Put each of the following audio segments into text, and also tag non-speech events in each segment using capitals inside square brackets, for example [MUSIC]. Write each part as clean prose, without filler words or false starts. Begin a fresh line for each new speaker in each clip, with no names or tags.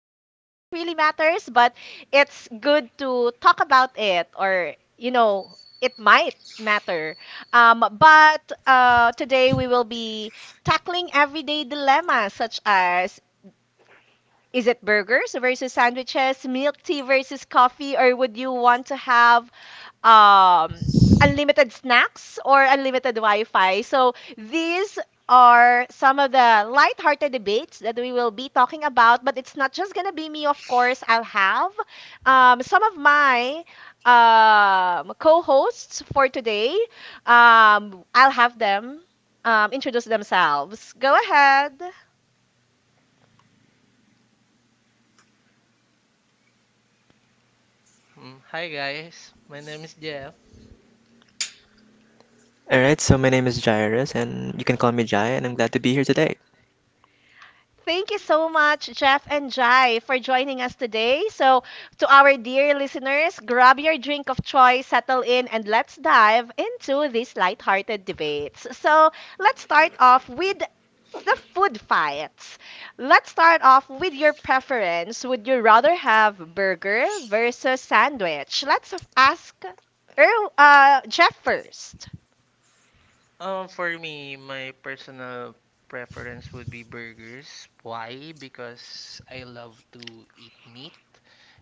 I don't think really matters, but it's good to talk about it or, it might matter. But today, we will be tackling everyday dilemmas such as is it burgers versus sandwiches, milk tea versus coffee, or would you want to have unlimited snacks or unlimited Wi-Fi. So these are some of the lighthearted debates that we will be talking about. But it's not just gonna be me, of course. I'll have some of my co-hosts for today. I'll have them introduce themselves. Go ahead.
Hi guys, my name is Jeff.
Thank you so much, Jeff and Jai, for joining us today. So, to our dear listeners, grab your drink of choice, settle in, and let's dive into these lighthearted debates. So, let's start off with the food fights. Let's start off with your preference. Would you rather have burger versus sandwich? Let's ask Jeff first.
For me, my personal preference would be burgers. Why? Because I love to eat meat,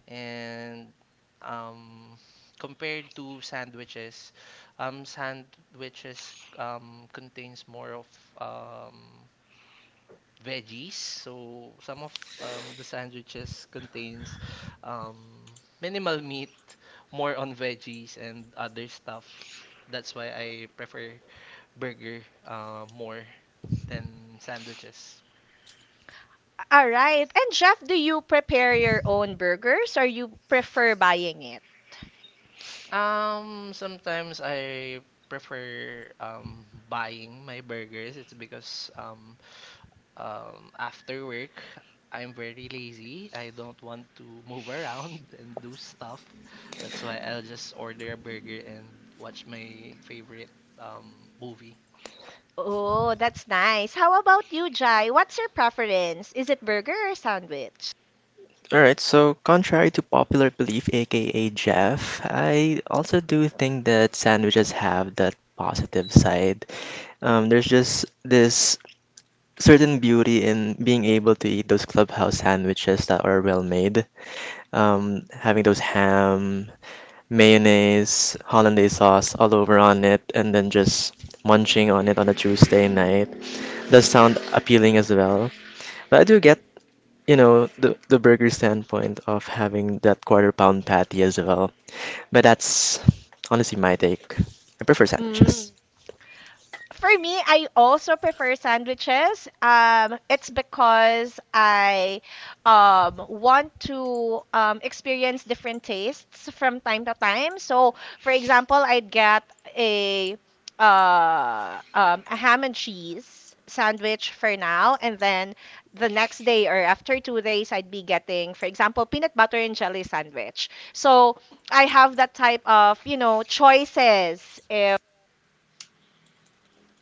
and um, compared to sandwiches, sandwiches contains more of um veggies. So some of the sandwiches contains um, minimal meat, more on veggies and other stuff. That's why I prefer burger, more than sandwiches.
All right. And Jeff, do you prepare your own burgers or you prefer buying it?
Sometimes I prefer buying my burgers. It's because after work, I'm very lazy. I don't want to move around [LAUGHS] and do stuff. That's why I'll just order a burger and watch my favorite movie.
Oh, that's nice. How about you, Jai? What's your preference? Is it burger or sandwich?
Contrary to popular belief, aka Jeff, I also do think that sandwiches have that positive side. There's just this certain beauty in being able to eat those clubhouse sandwiches that are well made. Having those ham, mayonnaise, hollandaise sauce all over on it, and then just munching on it on a Tuesday night does sound appealing as well. But I do get the burger standpoint of having that quarter pound patty as well. But that's honestly my take. I prefer
Mm.
sandwiches.
For me, I also prefer sandwiches. It's because I want to experience different tastes from time to time. So, for example, I'd get a a ham and cheese sandwich for now, and then the next day or after 2 days, I'd be getting, for example, peanut butter and jelly sandwich. So I have that type of, choices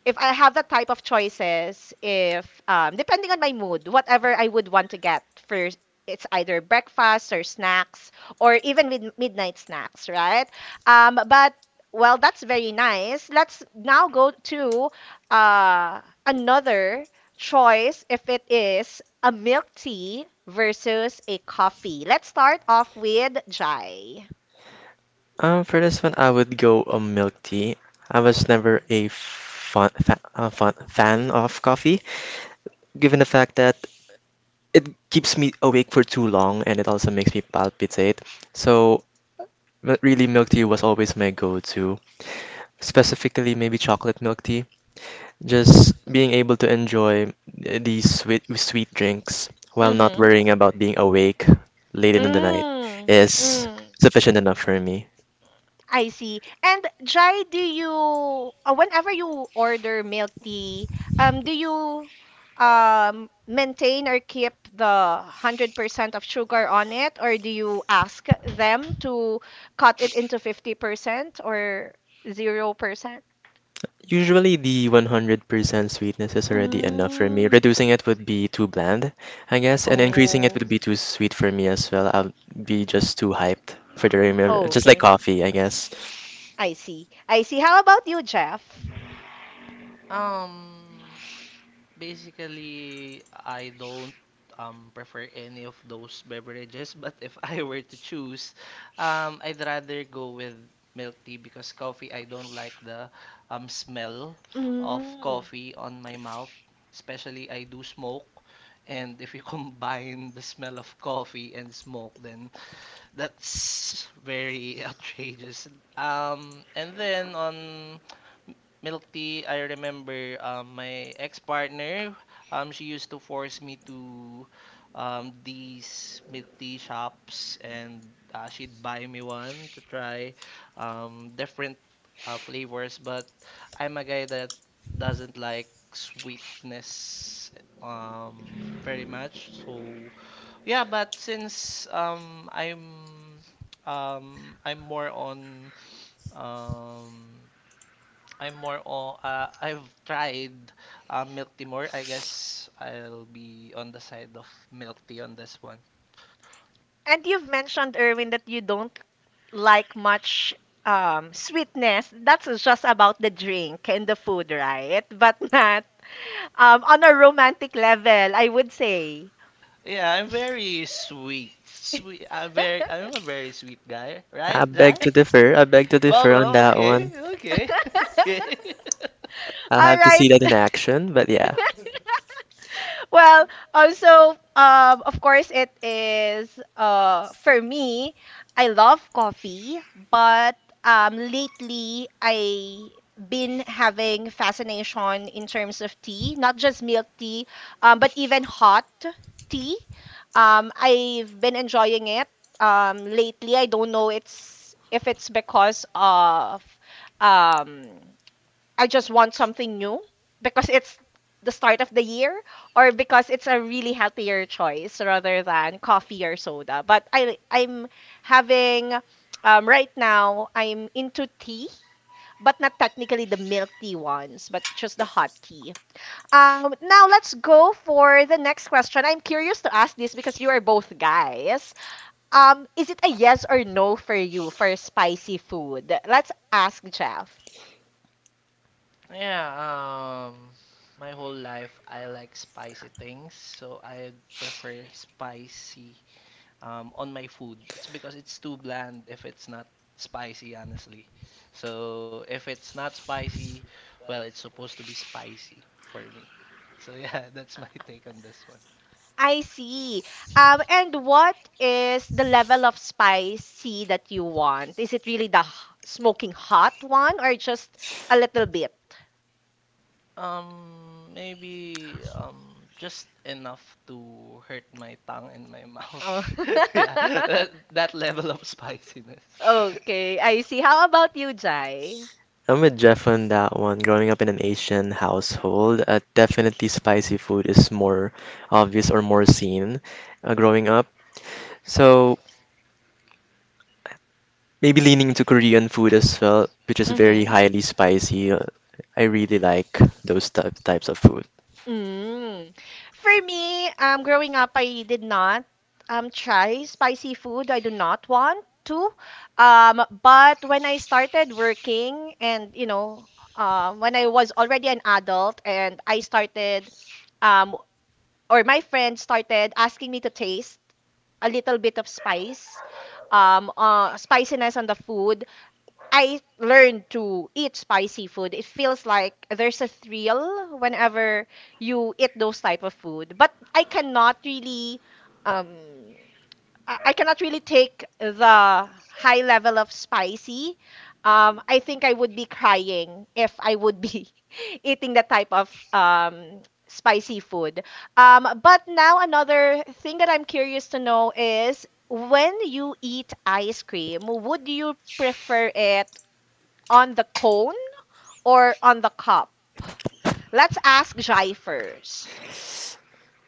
if I have that type of choices, if depending on my mood, whatever I would want to get first, it's either breakfast or snacks or even midnight snacks, right? But well, that's very nice. Let's now go to uh, another choice if it is a milk tea versus a coffee. Let's start off with Jai.
For this one, I would go a milk tea. I was never a fun fan of coffee, given the fact that it keeps me awake for too long and it also makes me palpitate. So, really, milk tea was always my go-to. Specifically, maybe chocolate milk tea. Just being able to enjoy these sweet drinks while not
Mm-hmm.
worrying about being awake late in the night
Mm.
is
Mm.
sufficient enough for me.
I see. And Jai, do you whenever you order milk tea, do you maintain or keep the 100% of sugar on it, or do you ask them to cut it into 50% or 0%?
Usually the 100% sweetness is already enough for me.
Mm.
Reducing it would be too bland, I guess, and increasing it
Oh.
would be too sweet for me as well. I'll be just too hyped for the remember, just like
Okay.
coffee, I guess.
I see. I see. How about you, Jeff?
Um, Basically, I don't prefer any of those beverages, but if [LAUGHS] I were to choose, I'd rather go with milk tea because coffee, I don't like the smell of
Mm.
coffee on my mouth. Especially, I do smoke, and if you [LAUGHS] combine the smell of coffee and smoke, then that's very [LAUGHS] outrageous. And then on milk tea, I remember my ex-partner. She used to force me to these milk tea shops, and she'd buy me one to try different flavors. But I'm a guy that doesn't like sweetness very much, so yeah, but since um I'm more on um I'm more on I've tried milk tea more. I guess I'll be on the side of milk tea on this one.
And you've mentioned, Erwin, that you don't like much sweetness. That's just about the drink and the food, right? [LAUGHS] But not on a romantic level, I would say.
Yeah, I'm very sweet. Sweet. I'm a
[LAUGHS]
very sweet guy, right,
I beg
Jai?
to differ. I beg to
Well,
differ on
well,
that
okay,
one.
[LAUGHS] okay. [LAUGHS]
I'll
All
have to see
right.
that in action, but yeah.
Well, also, of course, it is for me. I love coffee, but lately I been having fascination in terms of tea, not just milk tea, but even hot tea. I've been enjoying it lately. I don't know it's if it's because of um, I just want something new because it's the start of the year or because it's a really healthier choice rather than coffee or soda. But I I'm having right now I'm into tea, but not technically the milk tea ones, but just the hot tea. Now let's go for the next question. I'm curious to ask this because you are both guys. Is it a yes or no for you for spicy food? Let's ask Jeff.
Yeah, um, my whole life I like spicy things, so I prefer spicy on my food. It's because it's too bland if it's not spicy, honestly. So if it's not spicy, well, it's supposed to be spicy for me. So yeah, [LAUGHS] that's my take on this one.
I see. And what is the level of spicy that you want? Is it really the smoking hot one or just a little bit?
Maybe just enough to hurt my tongue and my mouth.
Oh.
[LAUGHS] Yeah, that
[LAUGHS]
level of spiciness.
Okay, I see. How about you, Jai?
I'm with Jeff on that one. Growing up in an Asian household, definitely spicy food is more obvious or more seen growing up. So maybe leaning into Korean food as well, which is very
Mm-hmm.
highly spicy. I really like those types of food.
Mm. For me, growing up, I did not try spicy food. I do not want to. But when I started working, and when I was already an adult, and um, or my friends started asking me to taste a little bit of spice, spiciness on the food. I learned to eat spicy food. It feels like there's a thrill whenever you eat those type of food. But I um cannot really take the high level of spicy. I think I would be crying if I would be [LAUGHS] eating that type of spicy food. But now another thing that I'm curious to know is when you eat ice cream, would you prefer it on the cone or on the cup? Let's ask Jai first.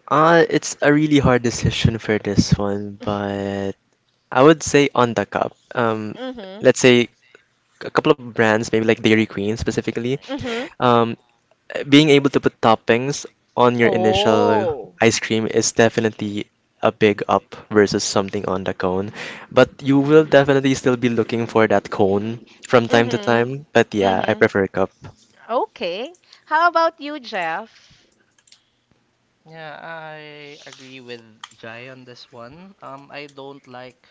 It's a really hard decision for this one, but I would say on the cup.
Mm-hmm.
Let's say a couple of brands, maybe like Dairy Queen specifically.
Mm-hmm.
Um, Being able to put toppings on your initial
Oh.
ice cream is definitely a big up versus something on the cone. But you will definitely still be looking for that cone from time to
Mm-hmm.
time. But yeah, I
Mm-hmm.
prefer cup.
Okay. How about you, Jeff?
Yeah, I agree with Jai on this one. I don't like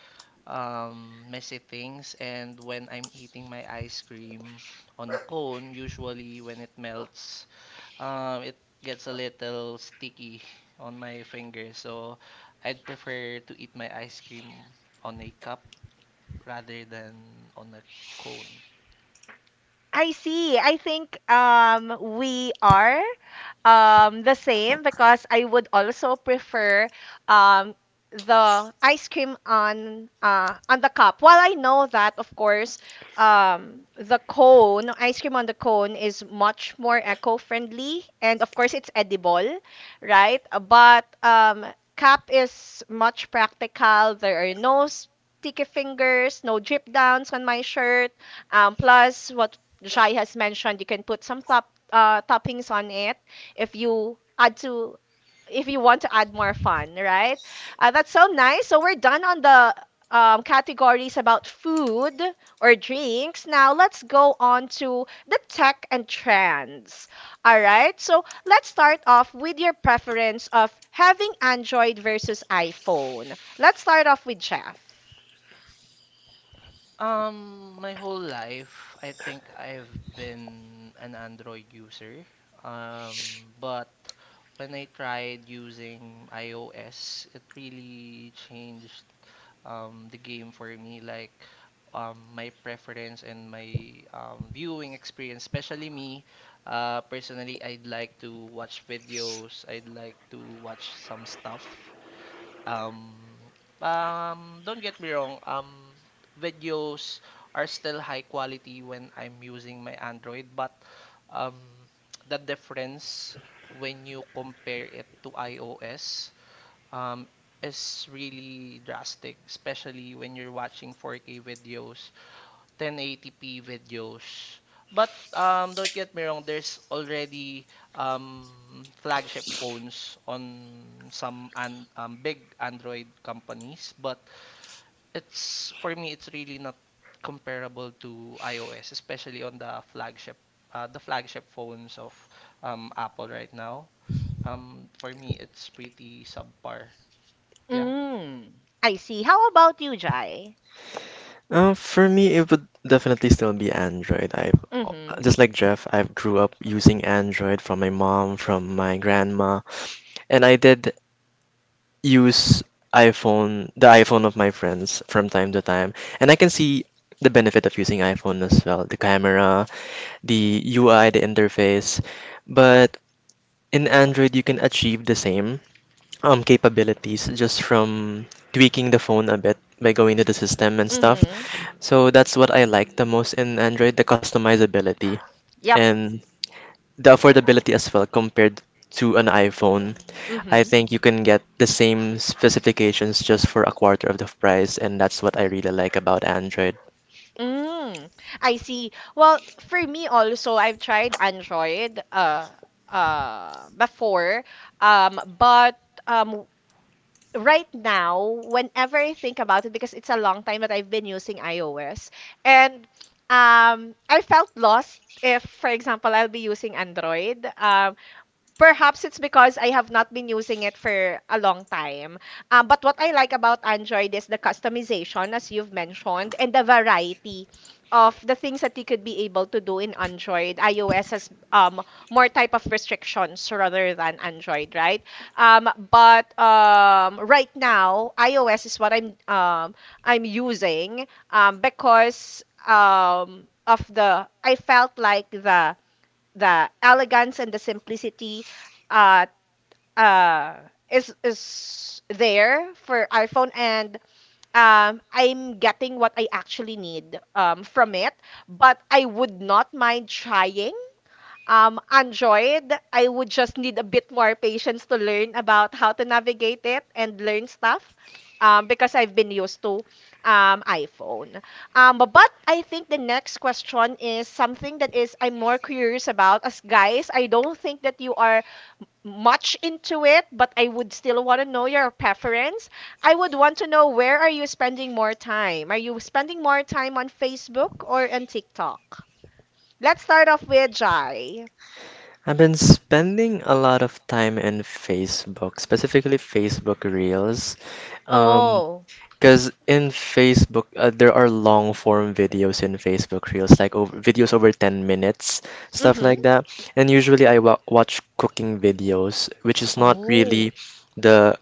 messy things, and when I'm eating my ice cream on a cone, usually when it melts, it gets a little sticky on my finger. So I'd prefer to eat my ice cream on a cup rather than on a cone.
I see. I think we are the same because I would also prefer um the ice cream on the cup. While I know that of course ice cream on the cone is much more eco-friendly and of course it's edible, right? But cup is much practical. There are no sticky fingers, no drip downs on my shirt. Plus, what Jai has mentioned, you can put some toppings on it if you add to if you want to add more fun, right? That's so nice. So we're done on the categories about food or drinks. Now let's go on to the tech and trends. All right. So let's start off with your preference of having Android versus iPhone. Let's start off with Jeff.
My whole life, I think I've been an Android user. But when I tried using iOS, it really changed the game for me. Like, my preference and my viewing experience, especially me. Personally, I'd like to watch videos. I'd like to watch some stuff um, don't get me wrong, videos are still high quality when I'm using my Android, but um, the difference when you compare it to iOS um, is really drastic, especially when you're watching 4K videos. 1080p videos. But don't get me wrong, there's already flagship phones on some an big Android companies, but it's for me it's really not comparable to iOS, especially on the flagship phones of Apple right now. For me, it's pretty subpar. Yeah.
Mm, I see. How about you, Jai?
For me, it would definitely still be Android. I've Just like Jeff, I have grew up using Android from my mom, from my grandma, and I did use iPhone, the iPhone of my friends from time to time, and I can see the benefit of using iPhone as well, the camera, the UI, the interface. But in Android, you can achieve the same capabilities just from tweaking the phone a bit by going to the system and stuff.
Mm-hmm.
So that's what I like the most in Android, the customizability
Yep.
and the affordability as well compared to an iPhone. I
Mm-hmm.
think you can get the same specifications just for a quarter of the price, and that's what I really like about Android.
Mm. I see. Well, for me also, I've tried Android before. But um right now, whenever I think about it, because it's a long time that I've been using iOS, and I felt lost if, for example, I'll be using Android. Perhaps it's because I have not been using it for a long time. But what I like about Android is the customization, as you've mentioned, and the variety of the things that you could be able to do in Android. iOS has more type of restrictions rather than Android, right? But right now, iOS is what I'm using, because of the I felt like the elegance and the simplicity uh uh is there for iPhone, and I'm getting what I actually need from it, but I would not mind trying Android. I would just need a bit more patience to learn about how to navigate it and learn stuff because I've been used to iPhone. But I think the next question is something that is I'm more curious about. As guys, I don't think that you are much into it, but I would still want to know your preference. I would want to know where are you spending more time? Are you spending more time on Facebook or on TikTok? Let's start off with Jai.
Reels. Um,
Oh.
because in Facebook, there are long form videos in Facebook Reels, videos over 10 minutes, stuff
Mm-hmm.
like that. And usually I wa watch cooking videos, which is not
Oh.
really the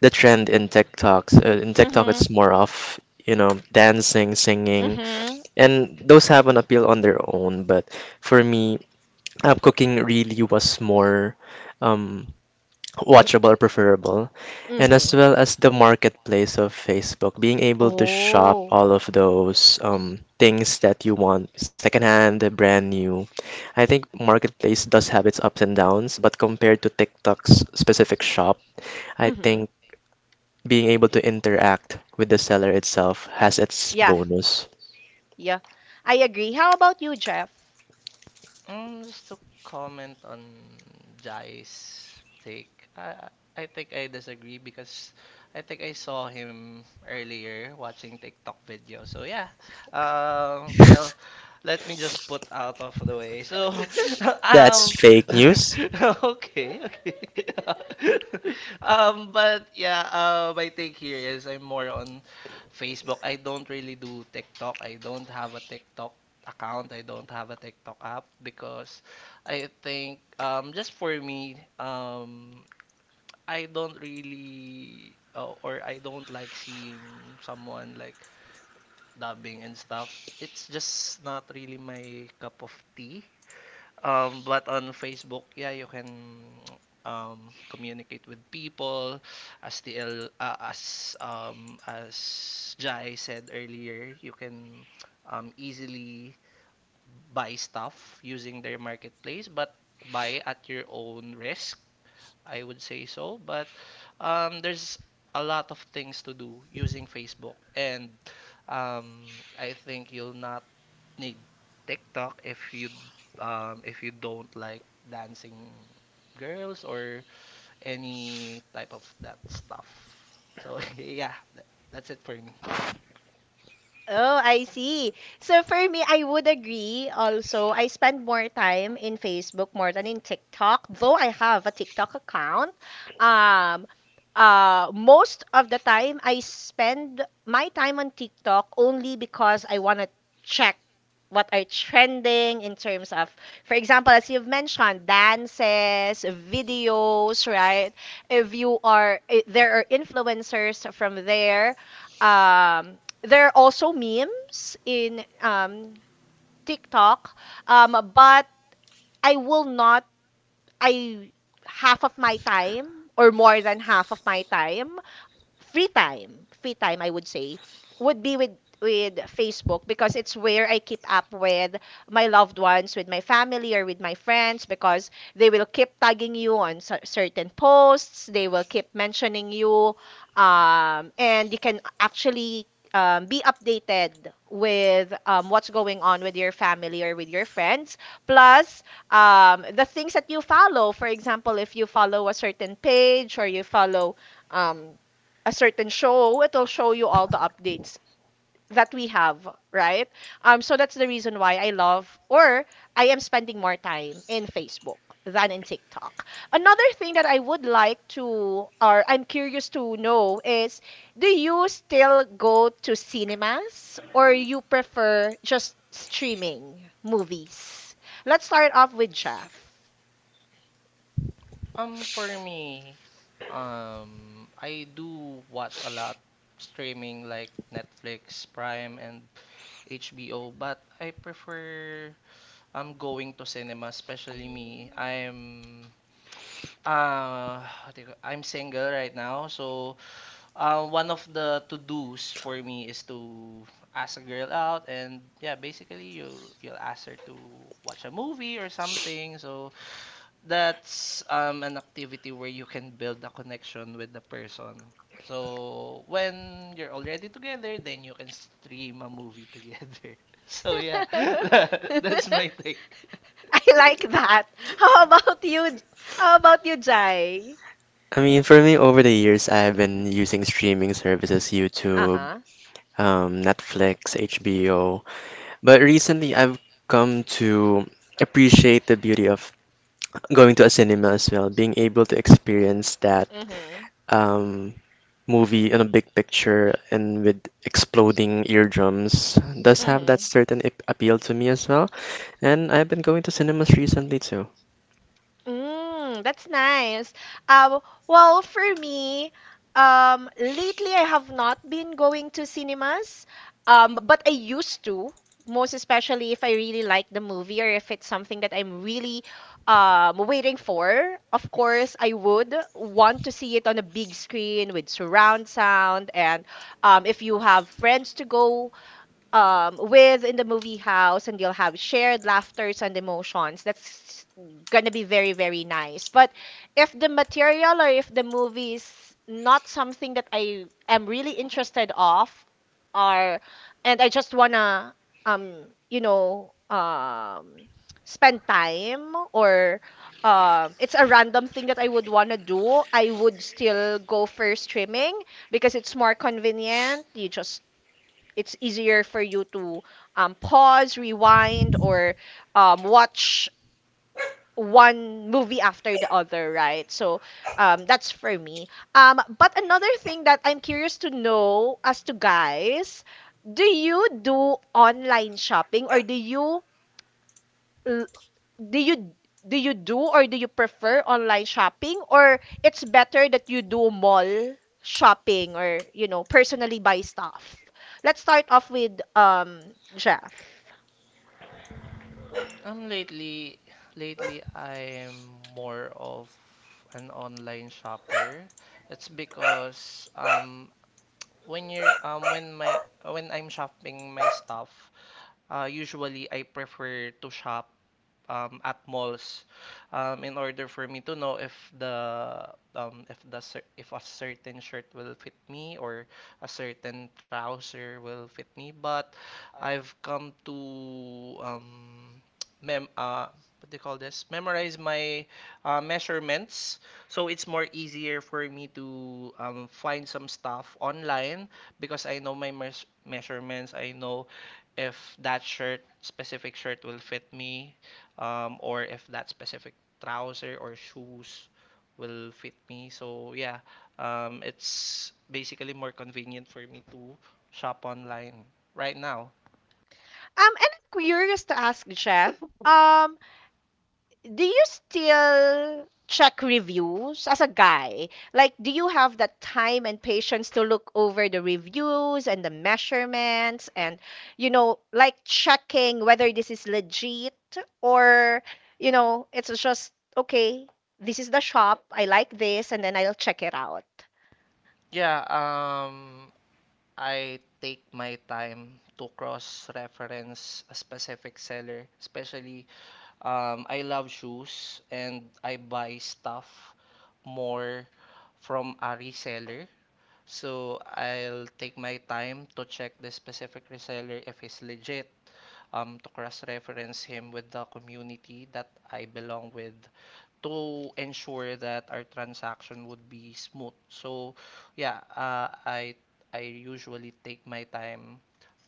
the trend in TikToks. In TikTok,
Mm-hmm.
it's more of, you know, dancing, singing,
Mm-hmm.
and those have an appeal on their own, but for me, cooking really was more um, watchable, preferable, and as
Mm-hmm.
well as the marketplace of Facebook, being able to shop
Oh.
all of those things that you want, secondhand, brand new. I think marketplace does have its ups and downs, but compared to TikTok's specific shop, I
Mm-hmm.
think being able to interact with the seller itself has its
Yeah.
bonus.
Yeah. I agree. How about you, Jeff?
Just to comment on Jai's take, I think I disagree because I think I saw him earlier watching TikTok video. So yeah, well, let me just put out of the way. So, [LAUGHS]
That's
um,
[LAUGHS]
fake news.
[LAUGHS] okay, [LAUGHS] But yeah, my take here is I'm more on Facebook. I don't really do TikTok. I don't have a TikTok account. I don't have a TikTok app because I think just for me, I don't really or I don't like seeing someone like dubbing and stuff. It's just not really my cup of tea. But on Facebook, yeah, you can communicate with people. As TL, uh, as um, as Jai said earlier, you can easily buy stuff using their marketplace, but buy at your own risk. I would say so, but there's a lot of things to do using Facebook, and I think you'll not need TikTok if you don't like dancing girls or any type of that stuff. So [LAUGHS] yeah, that's it for me.
Oh, I see. So for me, I would agree also. I spend more time in Facebook more than in TikTok, though I have a TikTok account. Um, Most of the time, I spend my time on TikTok only because I want to check what are trending in terms of, for example, as you've mentioned, dances, videos, right? If you are, I- There are influencers from there. Um, there are also memes in TikTok, but I will not. I half of my time or more than half of my time free time, free time I would say, would be with Facebook because it's where I keep up with my loved ones, with my family or with my friends because they will keep tagging you on certain posts, they will keep mentioning you and you can actually be updated with what's going on with your family or with your friends, plus the things that you follow. For example, if you follow a certain page or you follow um, a certain show, it'll show you all the updates that we have, right? So that's the reason why I love or I am spending more time in Facebook than in TikTok. Another thing that I would like to or I'm curious to know is, do you still go to cinemas or you prefer just streaming movies? Let's start off with Jeff.
For me, I do watch a lot streaming like Netflix, Prime, and HBO, but I prefer going to cinema, especially me. I'm what do you, I'm single right now, so one of the to-dos for me is to ask a girl out, and yeah, basically you'll ask her to watch a movie or something. So that's an activity where you can build a connection with the person. So when you're already together, then you can stream a movie together. [LAUGHS]
[LAUGHS] [LAUGHS]
So yeah,
I
[LAUGHS] that's my take.
like that. How about you? How about you, Jai?
I mean, for me, over the years, I've been using streaming services,
Uh
YouTube,
huh.
Netflix, HBO. But recently, I've come to appreciate the beauty of going to a cinema as well, being able to experience that
Mhm.
um, movie in a big picture and with exploding eardrums does have that
Mhm.
certain appeal to me as well. And I've been going to cinemas recently too.
Mm, that's nice. Um, well, for me, lately I have not been going to cinemas, but I used to, most especially if I really like the movie or if it's something that I'm really waiting for. Of course, I would want to see it on a big screen with surround sound, and if you have friends to go with in the movie house and you'll have shared laughters and emotions that's gonna be very very nice. But if the material or if the movie is not something that I am really interested of, or and I just wanna um you know um spend time, or it's a random thing that I would wanna do, I would still go for streaming because it's more convenient. You just it's easier for you to pause, rewind, or watch one movie after the other, right? So that's for me. But another thing that I'm curious to know as to guys, do you do online shopping or do you do or do you prefer online shopping, or it's better that you do mall shopping or, you know, personally buy stuff? Let's start off with Jeff.
Um, lately, lately I'm more of an online shopper. It's because when you're when my when I'm shopping my stuff, usually I prefer to shop at malls in order for me to know if the if the if a certain shirt will fit me or a certain trouser will fit me. But I've come to mem what do you call this? Memorize my measurements, so it's more easier for me to find some stuff online because I know my mes measurements. I know if specific shirt, will fit me, or if that specific trouser or shoes will fit me. So yeah, it's basically more convenient for me to shop online right now.
And I'm curious to ask Jeff, um do you still check reviews as a guy? Like, do you have the time and patience to look over the reviews and the measurements and, you know, like checking whether this is legit, or, you know, it's just, okay, this is the shop, I like this, and then I'll check it out.
Yeah, I take my time to cross-reference a specific seller, especially I love shoes and I buy stuff more from a reseller. So I'll take my time to check the specific reseller if he's legit, to cross-reference him with the community that I belong with to ensure that our transaction would be smooth. So yeah, I usually take my time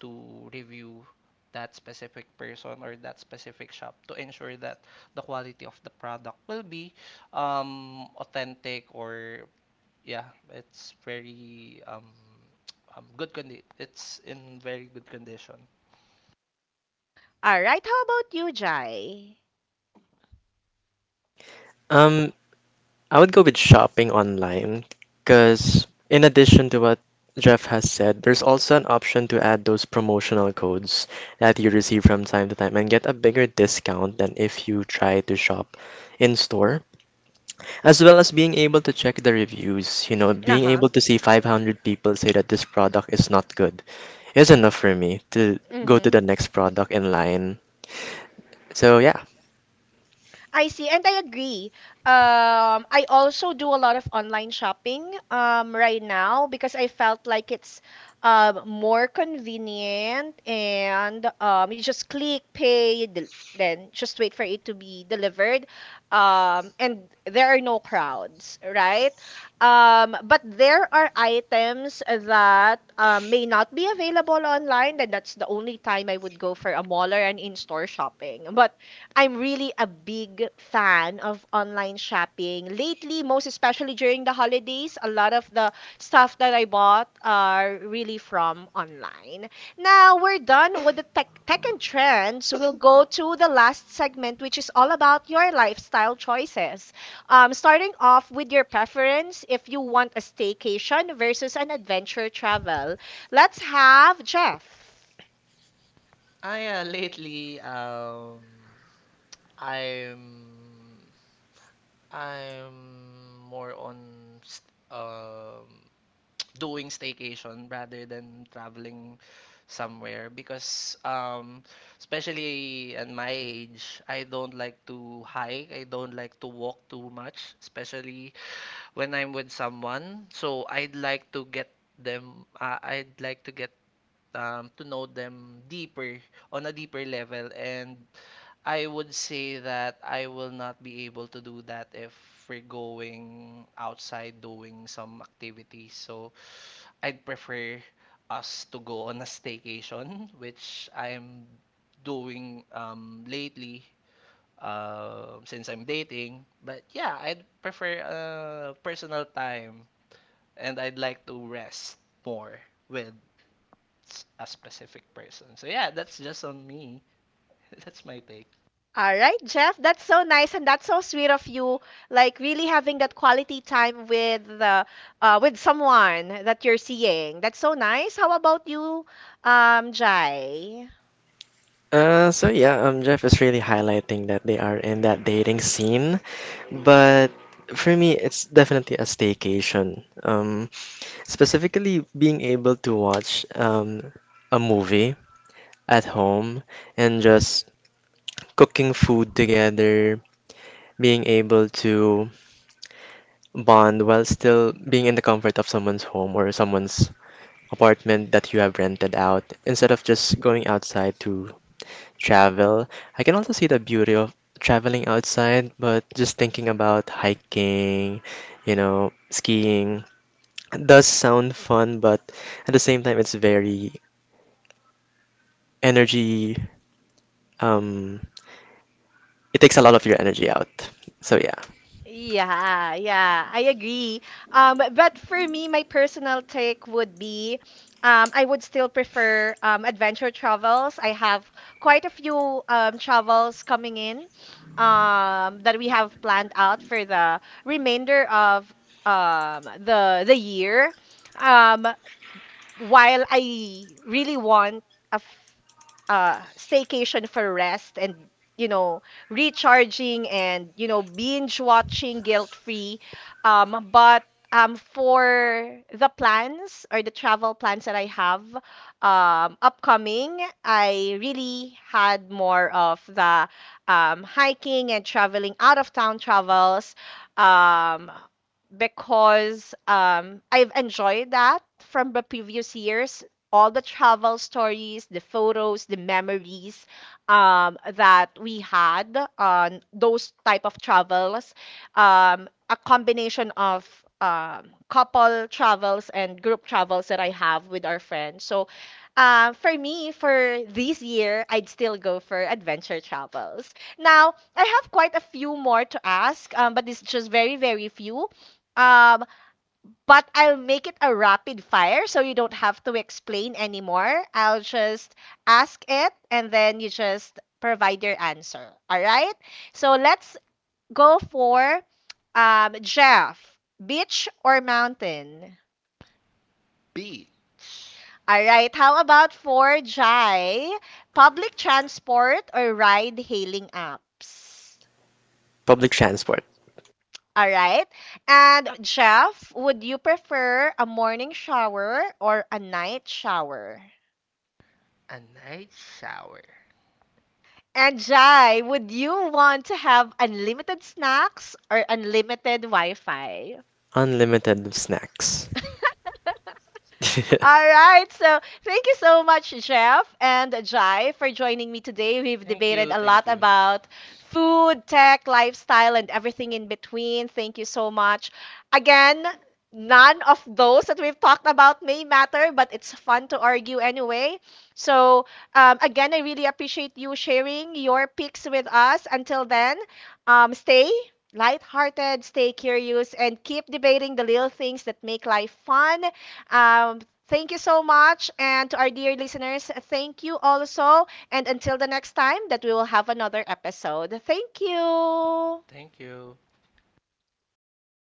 to review that specific person or that specific shop to ensure that the quality of the product will be authentic or yeah, it's very [TSK] good it's in very good condition.
All right, how about you, Jai?
Um, I would go with shopping online because, in addition to what Jeff has said, there's also an option to add those promotional codes that you receive from time to time and get a bigger discount than if you try to shop in store. As well as being able to check the reviews, you know,
Uh
being
huh.
able to see 500 people say that this product is not good is enough for me to
Mm
go to
hmm.
the next product in line. So, yeah.
I see, and I agree. I also do a lot of online shopping right now because I felt like it's more convenient, and you just click, pay, then just wait for it to be delivered. And there are no crowds, right? But there are items that may not be available online, and that's the only time I would go for a mall or an in-store shopping. [LAUGHS] But I'm really a big fan of online shopping. Lately, most especially during the holidays, a lot of the stuff that I bought are really from online. Now we're done with the tech and trends. We'll go to the last segment, which is all about your lifestyle choices. Starting off with your preference if you want a staycation versus an adventure travel. Let's have Jeff.
Ah yeah, lately um I'm I'm more on st- um [TSK] doing staycation rather than traveling somewhere because especially at my age I don't like to hike, I don't like to walk too much, especially when I'm with someone. So I'd like to get to know them deeper, on a deeper level. And I would say that I will not be able to do that if we're going outside doing some activities. So I'd prefer us to go on a staycation, which I'm doing lately, since I'm dating. But yeah, I'd prefer personal time and I'd like to rest more with a specific person. So yeah, that's just on me. [LAUGHS] That's my take.
All right, Jeff, that's so nice and that's so sweet of you. Like really having that quality time with the with someone that you're seeing. That's so nice. How about you, Jai?
Jeff is really highlighting that they are in that dating scene, but for me, it's definitely a staycation. Specifically, being able to watch a movie at home and just cooking food together, being able to bond while still being in the comfort of someone's home or someone's apartment that you have rented out, instead of just going outside to travel. I can also see the beauty of traveling outside, but just thinking about hiking, you know, skiing does sound fun, but at the same time, it's very energy, um, it takes a lot of your energy out. So yeah,
Yeah, yeah, I agree. But for me, my personal take would be, I would still prefer adventure travels. I have quite a few travels coming in that we have planned out for the remainder of the year. Um, while I really want a staycation for rest and, you know, recharging and, you know, binge watching guilt free, but for the plans or the travel plans that I have upcoming, I really had more of the hiking and traveling out of town travels. Um, because I've enjoyed that from the previous years. All the travel stories, the photos, the memories that we had on those type of travels, a combination of couple travels and group travels that I have with our friends. So, for me, for this year, I'd still go for adventure travels. Now, I have quite a few more to ask, but it's just very, very few. Um, but I'll make it a rapid fire so you don't have to explain anymore. I'll just ask it and then you just provide your answer, all right? So let's go for Jeff, beach or mountain?
Beach,
All right. How about for Jai, public transport or ride hailing apps?
public transport,
All right. And Jeff, would you prefer a morning shower or a night shower?
a night shower.
And Jai, would you want to have unlimited snacks or unlimited Wi-Fi?
unlimited snacks. [LAUGHS]
All right. So thank you so much, Jeff and Jai, for joining me today. We've
Thank
debated
you,
a
thank
lot
you,
about food, tech, lifestyle, and everything in between. Thank you so much. Again, none of those that we've talked about may matter, but it's fun to argue anyway. So again, I really appreciate you sharing your picks with us. Until then, stay lighthearted, stay curious, and keep debating the little things that make life fun. Um, Thank you so much. And to our dear listeners, thank you also. And until the next time that we will have another episode, thank you.
Thank you.
Thank you.